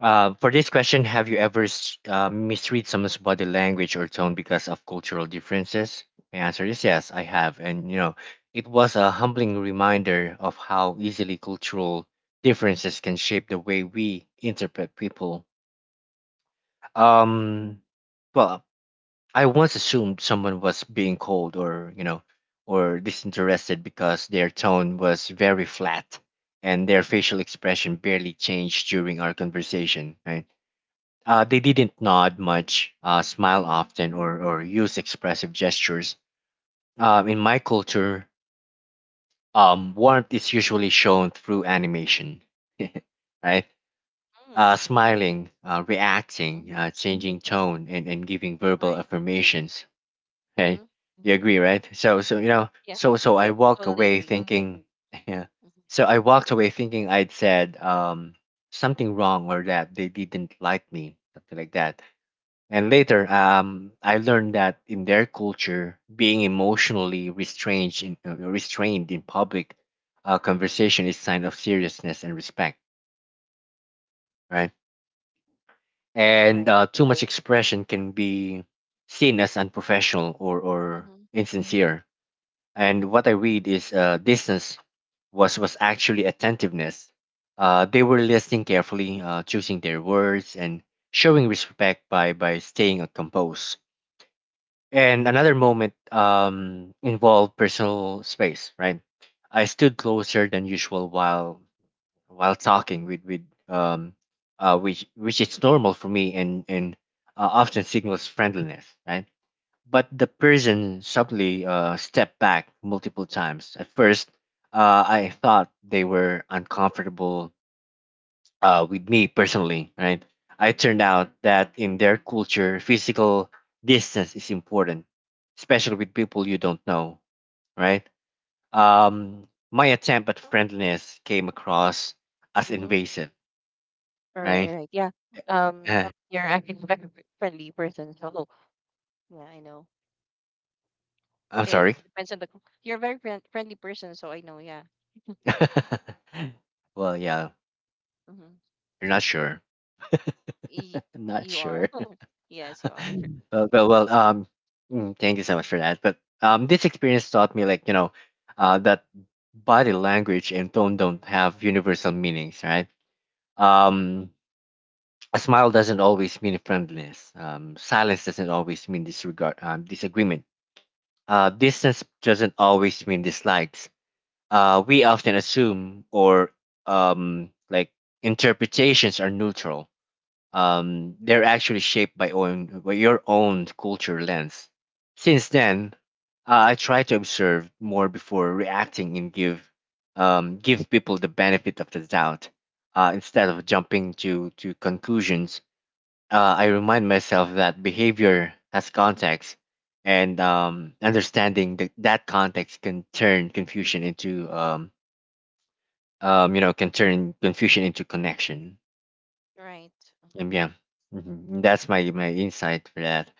Uh, for this question, have you ever misread someone's body language or tone because of cultural differences? My answer is yes, I have. And, it was a humbling reminder of how easily cultural differences can shape the way we interpret people. Um, well, I once assumed someone was being cold or disinterested because their tone was very flat and their facial expression barely changed during our conversation, right? They didn't nod much, smile often, or use expressive gestures. In my culture, warmth is usually shown through animation, right?
Mm,
Smiling, reacting,
mm-hmm,
changing tone, and giving verbal
right.
affirmations.
Mm-hmm.
Okay, you agree, right? So so you know,
Yes,
so so I walk
totally
away
agree.
thinking, yeah.
Mm-hmm,
So I walked away thinking I'd said something wrong or that they didn't like me, something like that. And later, I learned that in their culture, being emotionally restrained in public conversation is sign of seriousness and respect, right? And
right.
too much expression can be seen as unprofessional or
Mm-hmm,
insincere. And
mm-hmm,
what I read is distance was actually attentiveness. They were listening carefully, choosing their words, and showing respect by staying composed. And another moment involved personal space, right? I stood closer than usual while talking with which is normal for me and often signals friendliness, right? But the person subtly stepped back multiple times. At first, I thought they were uncomfortable with me personally, right? I turned out that in their culture, physical distance is important, especially with people you don't know, right? My attempt at friendliness came across as
mm-hmm.
invasive,
All right, all
right?
right. Yeah. Um,
Uh,
you're actually a very friendly person, so yeah, I know.
I'm
It
sorry.
depends on the. Co- you're a very friendly person, so I know. Yeah.
Well, yeah,
Mm-hmm.
you're not sure.
Y-
Not
you are.
sure.
Yes, you are.
Well, well, well. Thank you so much for that. But this experience taught me, like that body language and tone don't have universal meanings, right? Um, a smile doesn't always mean friendliness. Silence doesn't always mean disregard, disagreement. Distance doesn't always mean dislikes. We often assume or like interpretations are neutral, they're actually shaped by your own culture lens. Since then, I try to observe more before reacting and give people the benefit of the doubt instead of jumping to conclusions. I remind myself that behavior has context, and understanding that that context can turn confusion into, can turn confusion into connection.
Right. Mhm.
Yeah. Mhm. That's my insight for that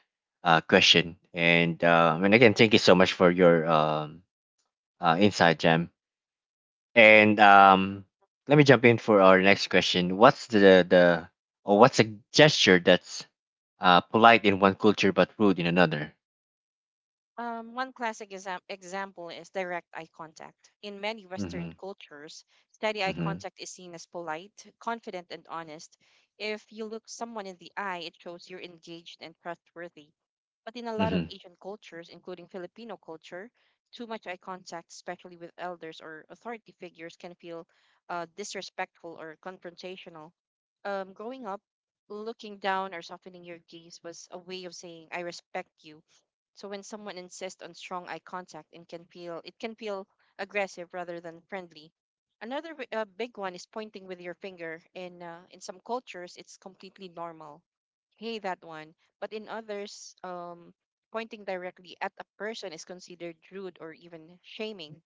question. And again, thank you so much for your insight, Jam. And let me jump in for our next question. What's the or what's a gesture that's polite in one culture but rude in another?
One classic example is direct eye contact. In many Western
Mm-hmm.
cultures, steady eye
Mm-hmm.
contact is seen as polite, confident, and honest. If you look someone in the eye, it shows you're engaged and trustworthy. But in a lot of
Mm-hmm.
Asian cultures, including Filipino culture, too much eye contact, especially with elders or authority figures, can feel disrespectful or confrontational. Growing up, looking down or softening your gaze was a way of saying, I respect you. So when someone insists on strong eye contact, and can feel it can feel aggressive rather than friendly. Another big one is pointing with your finger. In some cultures, it's completely normal. Hey, that one. But in others, pointing directly at a person is considered rude or even shaming.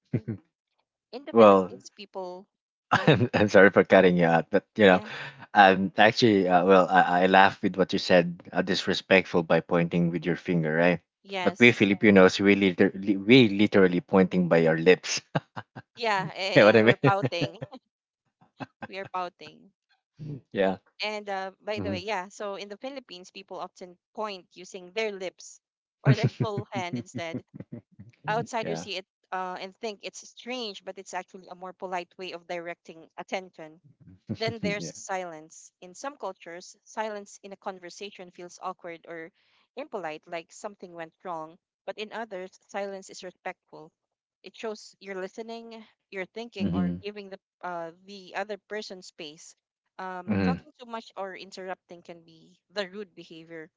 In the
Well,
Philippines, people, yeah,
I'm sorry for cutting you out, but
yeah,
actually, well, I laugh with what you said, disrespectful by pointing with your finger, right? But we
yes,
Filipinos, we we literally pointing by our lips. You
yeah.
know
Eh,
what I mean?
you're pouting. We are pouting.
Yeah.
And by the way,
Mhm.
yeah, so in the Philippines, people often point using their lips or their whole hand instead. Outsiders
Yeah.
see it and think it's strange, but it's actually a more polite way of directing attention. Then there's
yeah.
silence. In some cultures, silence in a conversation feels awkward or impolite, like something went wrong. But in others, silence is respectful. It shows you're listening, you're thinking, or
Mm-hmm.
giving the other person space.
Mm-hmm.
Talking too much or interrupting can be the rude behavior.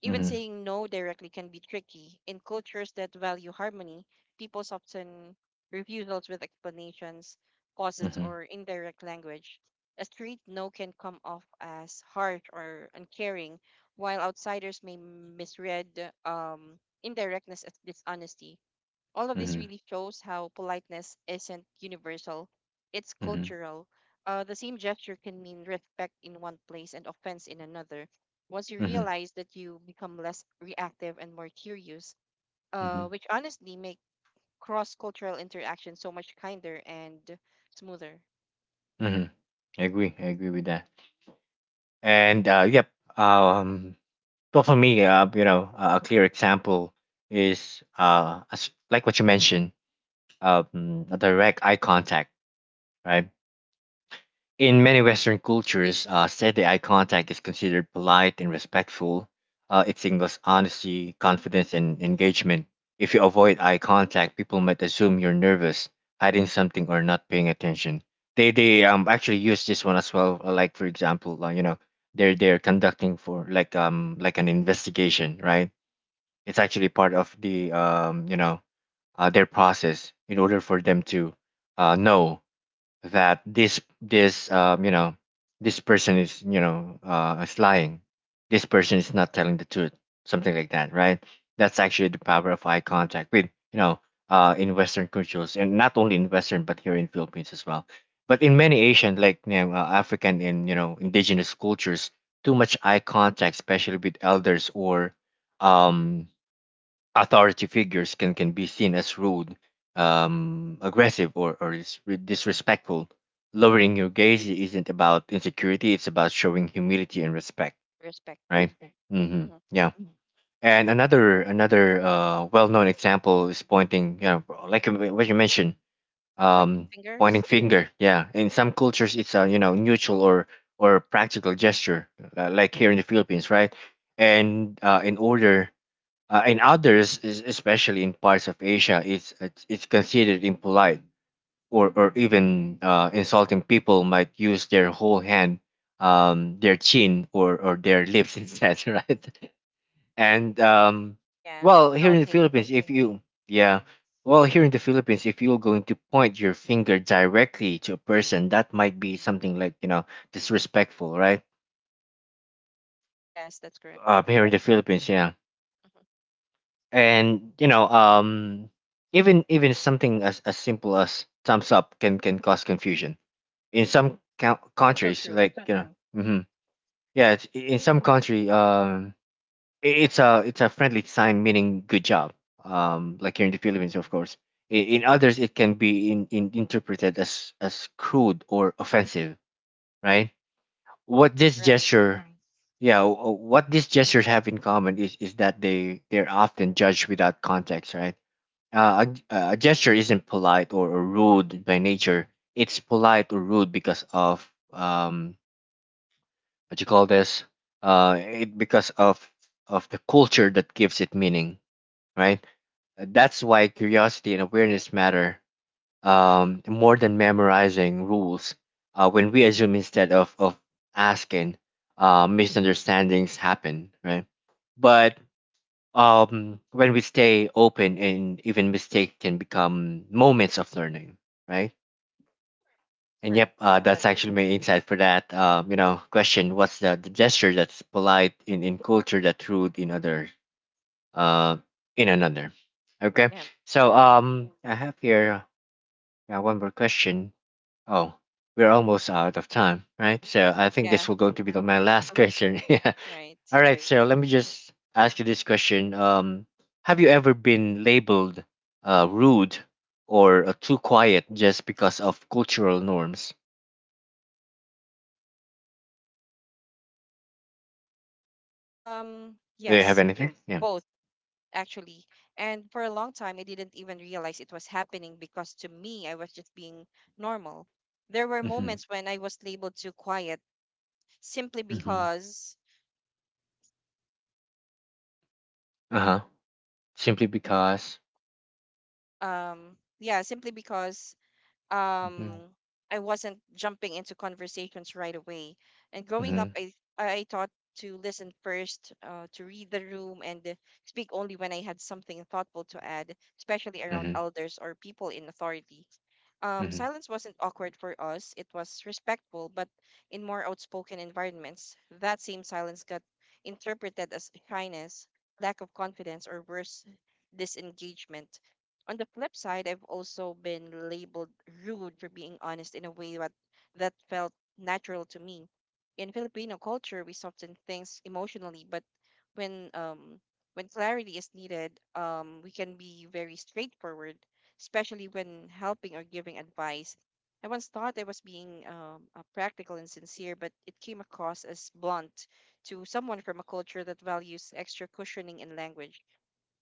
Even
Mm-hmm.
saying no directly can be tricky. In cultures that value harmony, people often refusals with explanations, pauses,
Mm-hmm.
or indirect language. A straight no can come off as harsh or uncaring, while outsiders may misread indirectness as dishonesty. All of this
Mm-hmm.
really shows how politeness isn't universal, it's
Mm-hmm.
cultural. The same gesture can mean respect in one place and offense in another. Once you
Mm-hmm.
realize that, you become less reactive and more curious,
Mm-hmm.
which honestly make cross cultural interaction so much kinder and smoother.
Mm-hmm. I agree. I agree with that. And yep. Um, Well, for me, a clear example is, like what you mentioned, a direct eye contact, right? In many Western cultures, steady eye contact is considered polite and respectful. It signals honesty, confidence, and engagement. If you avoid eye contact, people might assume you're nervous, hiding something, or not paying attention. They actually use this one as well. Like for example, they're conducting for like an investigation, right? It's actually part of the, their process in order for them to know that this this person is you know is lying, this person is not telling the truth, something like that, right. That's actually the power of eye contact, with you know in Western cultures, and not only in Western but here in Philippines as well. But in many Asian, African and indigenous cultures, too much eye contact, especially with elders or um authority figures, can be seen as rude, aggressive, or disrespectful.
Right.
Lowering your gaze isn't about insecurity; it's about showing humility and respect,
Respect. Yeah.
right? Hmm.
Hmm.
Yeah. And another well-known example is pointing, like what you mentioned,
Pointing
um, pointing
fingers.
finger. Yeah. In some cultures, it's a neutral or practical gesture, like here in the Philippines, right? And in others, especially in parts of Asia, it's considered impolite or even insulting. People might use their whole hand, their chin, or their lips instead, right? And
Yeah.
well, here in the
Pouting.
Philippines, if you yeah, well, here in the Philippines, if you're going to point your finger directly to a person, that might be something like disrespectful, right?
Yes, that's correct.
Here in the Philippines, yeah.
Hmm.
And even something as simple as thumbs up can cause confusion in some
That's so
countries,
true.
hmm yeah, in some country it's a friendly sign meaning good job, like here in the Philippines, of course. In others it can be in interpreted as crude or offensive, right, what this
Right.
gesture right. Yeah, what these gestures have in common is that they're often judged without context, right. uh, a gesture isn't polite or rude by nature. It's polite or rude because of, what you call this, it because of the culture that gives it meaning, right? That's why curiosity and
Right.
awareness matter more than memorizing rules. When we assume instead of asking, misunderstandings happen, right? But when we stay open, and even mistake can become moments of learning, right. And
Correct.
yep,
Yeah.
that's right, actually my insight for that question, what's the gesture that's polite in culture that rude uh in another. Okay,
Yeah.
so
And
I have here one more question. Oh, we're almost out of time, right? So I think
yeah.
this will go to be
Uh-huh.
my last question.
Right.
All right, Sarah, let me just ask you this question. Have you ever been labeled rude or too quiet just because of cultural norms? Do you have
Yes,
anything? Yes.
both actually. And for a long time, I didn't even realize it was happening because to me, I was just being normal. There were
Yeah. Mm-hmm.
moments when I was labeled too quiet simply
Mm-hmm.
because,
Uh-huh. Simply because.
um, yeah, simply because um
Mm-hmm.
I wasn't jumping into conversations right away. And growing
Mm-hmm.
up, I taught to listen first, to read the room, and speak only when I had something thoughtful to add, especially around
Mm-hmm.
elders or people in authority.
Mm-hmm.
Silence wasn't awkward for us; it was respectful. But in more outspoken environments, that same silence got interpreted as shyness, lack of confidence, or worse, disengagement. On the flip side, I've also been labeled rude for being honest in a way that felt natural to me. In Filipino culture, we soften things emotionally, but when um, when clarity is needed, we can be very straightforward, especially when helping or giving advice. I once thought I was being practical and sincere, but it came across as blunt to someone from a culture that values extra cushioning in language.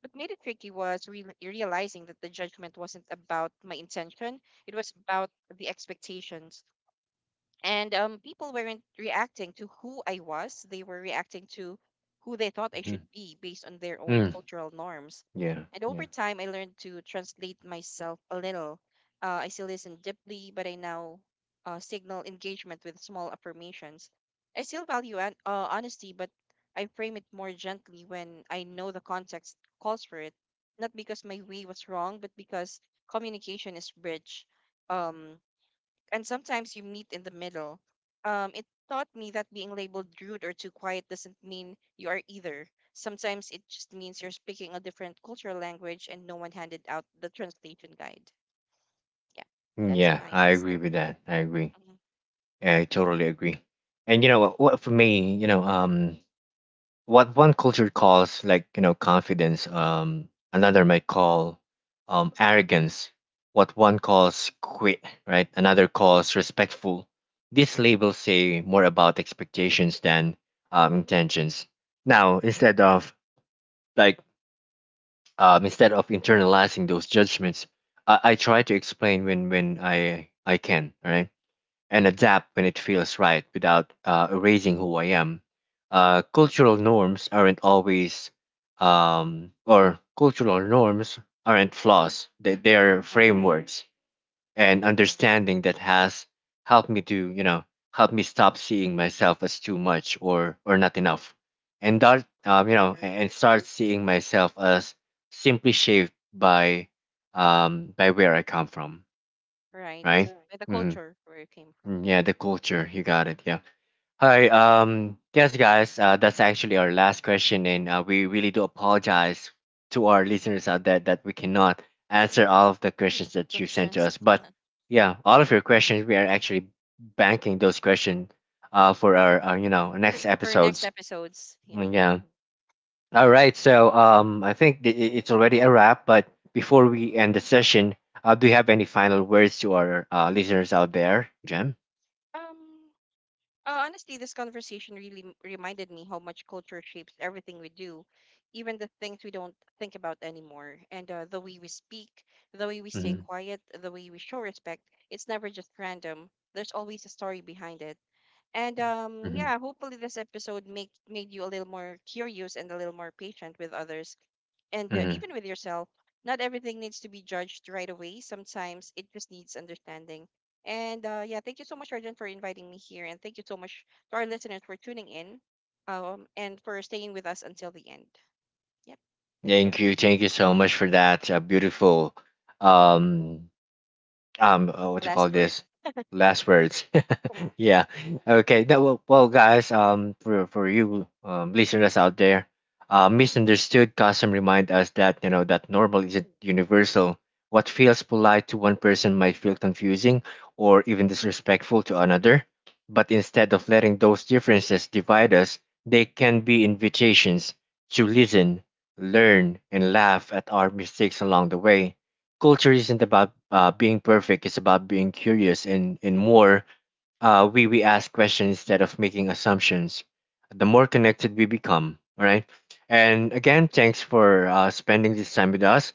What made it tricky was realizing that the judgment wasn't about my intention, it was about the expectations. And people weren't reacting to who I was. They were reacting to who they thought I
Mm-hmm.
should be based on their own
Mm.
cultural norms.
Yeah.
And
Yeah.
over time, I learned to translate myself a little. I still listen deeply, but I now signal engagement with small affirmations. I still value honesty, but I frame it more gently when I know the context calls for it. Not because my way was wrong, but because communication is bridge. Um, and sometimes you meet in the middle. It taught me that being labeled rude or too quiet doesn't mean you are either. Sometimes it just means you're speaking a different cultural language and no one handed out the translation guide. Yeah, that's
Yeah.
my
I agree
insight.
with
Yep.
that. I agree.
Mm-hmm.
I totally agree. And you know what? For me, what one culture calls confidence, another might call arrogance. What one calls quit, right, another calls respectful. These labels say more about expectations than, intentions. Now, like instead of internalizing those judgments, I try to explain when I can, all right, and adapt when it feels right without, erasing who I am. Cultural norms aren't always, or cultural norms aren't
Mm-hmm.
flaws, they are
Uh-huh.
frameworks, and understanding that has helped me to, you know, help me stop seeing myself as too much or not enough. And that,
That's true.
and start seeing myself as simply shaped by where I come from,
Right.
right?
By the culture where you came from.
Yeah, the culture. You got it. Yeah. Hi. Yes, guys. That's actually our last question, and we really do apologize to our listeners out there that we cannot answer all of the questions that you sent to
Questions
us. But yeah, all of your questions, we are actually banking those questions for our, next
for next
episodes.
episodes. Yeah.
Yeah. All right. So I think it's already a wrap. But before we end the session, do you have any final words to our listeners out there, Jem?
Um, honestly, this conversation really reminded me how much culture shapes everything we do, even the things we don't think about anymore. And the way we speak, the way we stay quiet, the way we show respect, it's never just random. There's always a story behind it. And
Hmm.
yeah, hopefully this episode make made you a little more curious and a little more patient with others, and
Hmm.
even with yourself. Not everything needs to be judged right away, sometimes it just needs understanding. And yeah, thank you so much, Arjun, for inviting me here, and thank you so much to our listeners for tuning in, and for staying with us until the end. Yep, thank you.
Thank you so much for that beautiful, um, what you
Last
call
words.
this? Last words. yeah. Okay. That Well, well, guys. For you, listeners out there, misunderstood custom remind us that, that normal isn't universal. What feels polite to one person might feel confusing or even disrespectful to another. But instead of letting those differences divide us, they can be invitations to listen, learn, and laugh at our mistakes along the way. Culture isn't about being perfect; it's about being curious, and more, we ask questions instead of making assumptions. The more connected we become, all right. And again, thanks for spending this time with us.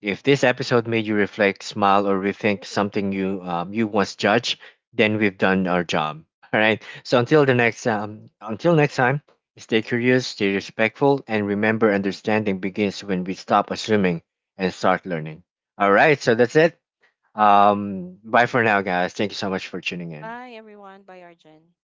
If this episode made you reflect, smile, or rethink something you once judged, then we've done our job. All right. So until next time, stay curious, stay respectful, and remember, understanding begins when we stop assuming and start learning. All right. So that's it. Bye for now, guys. Thank you so much for tuning in.
Bye everyone, bye Arjun.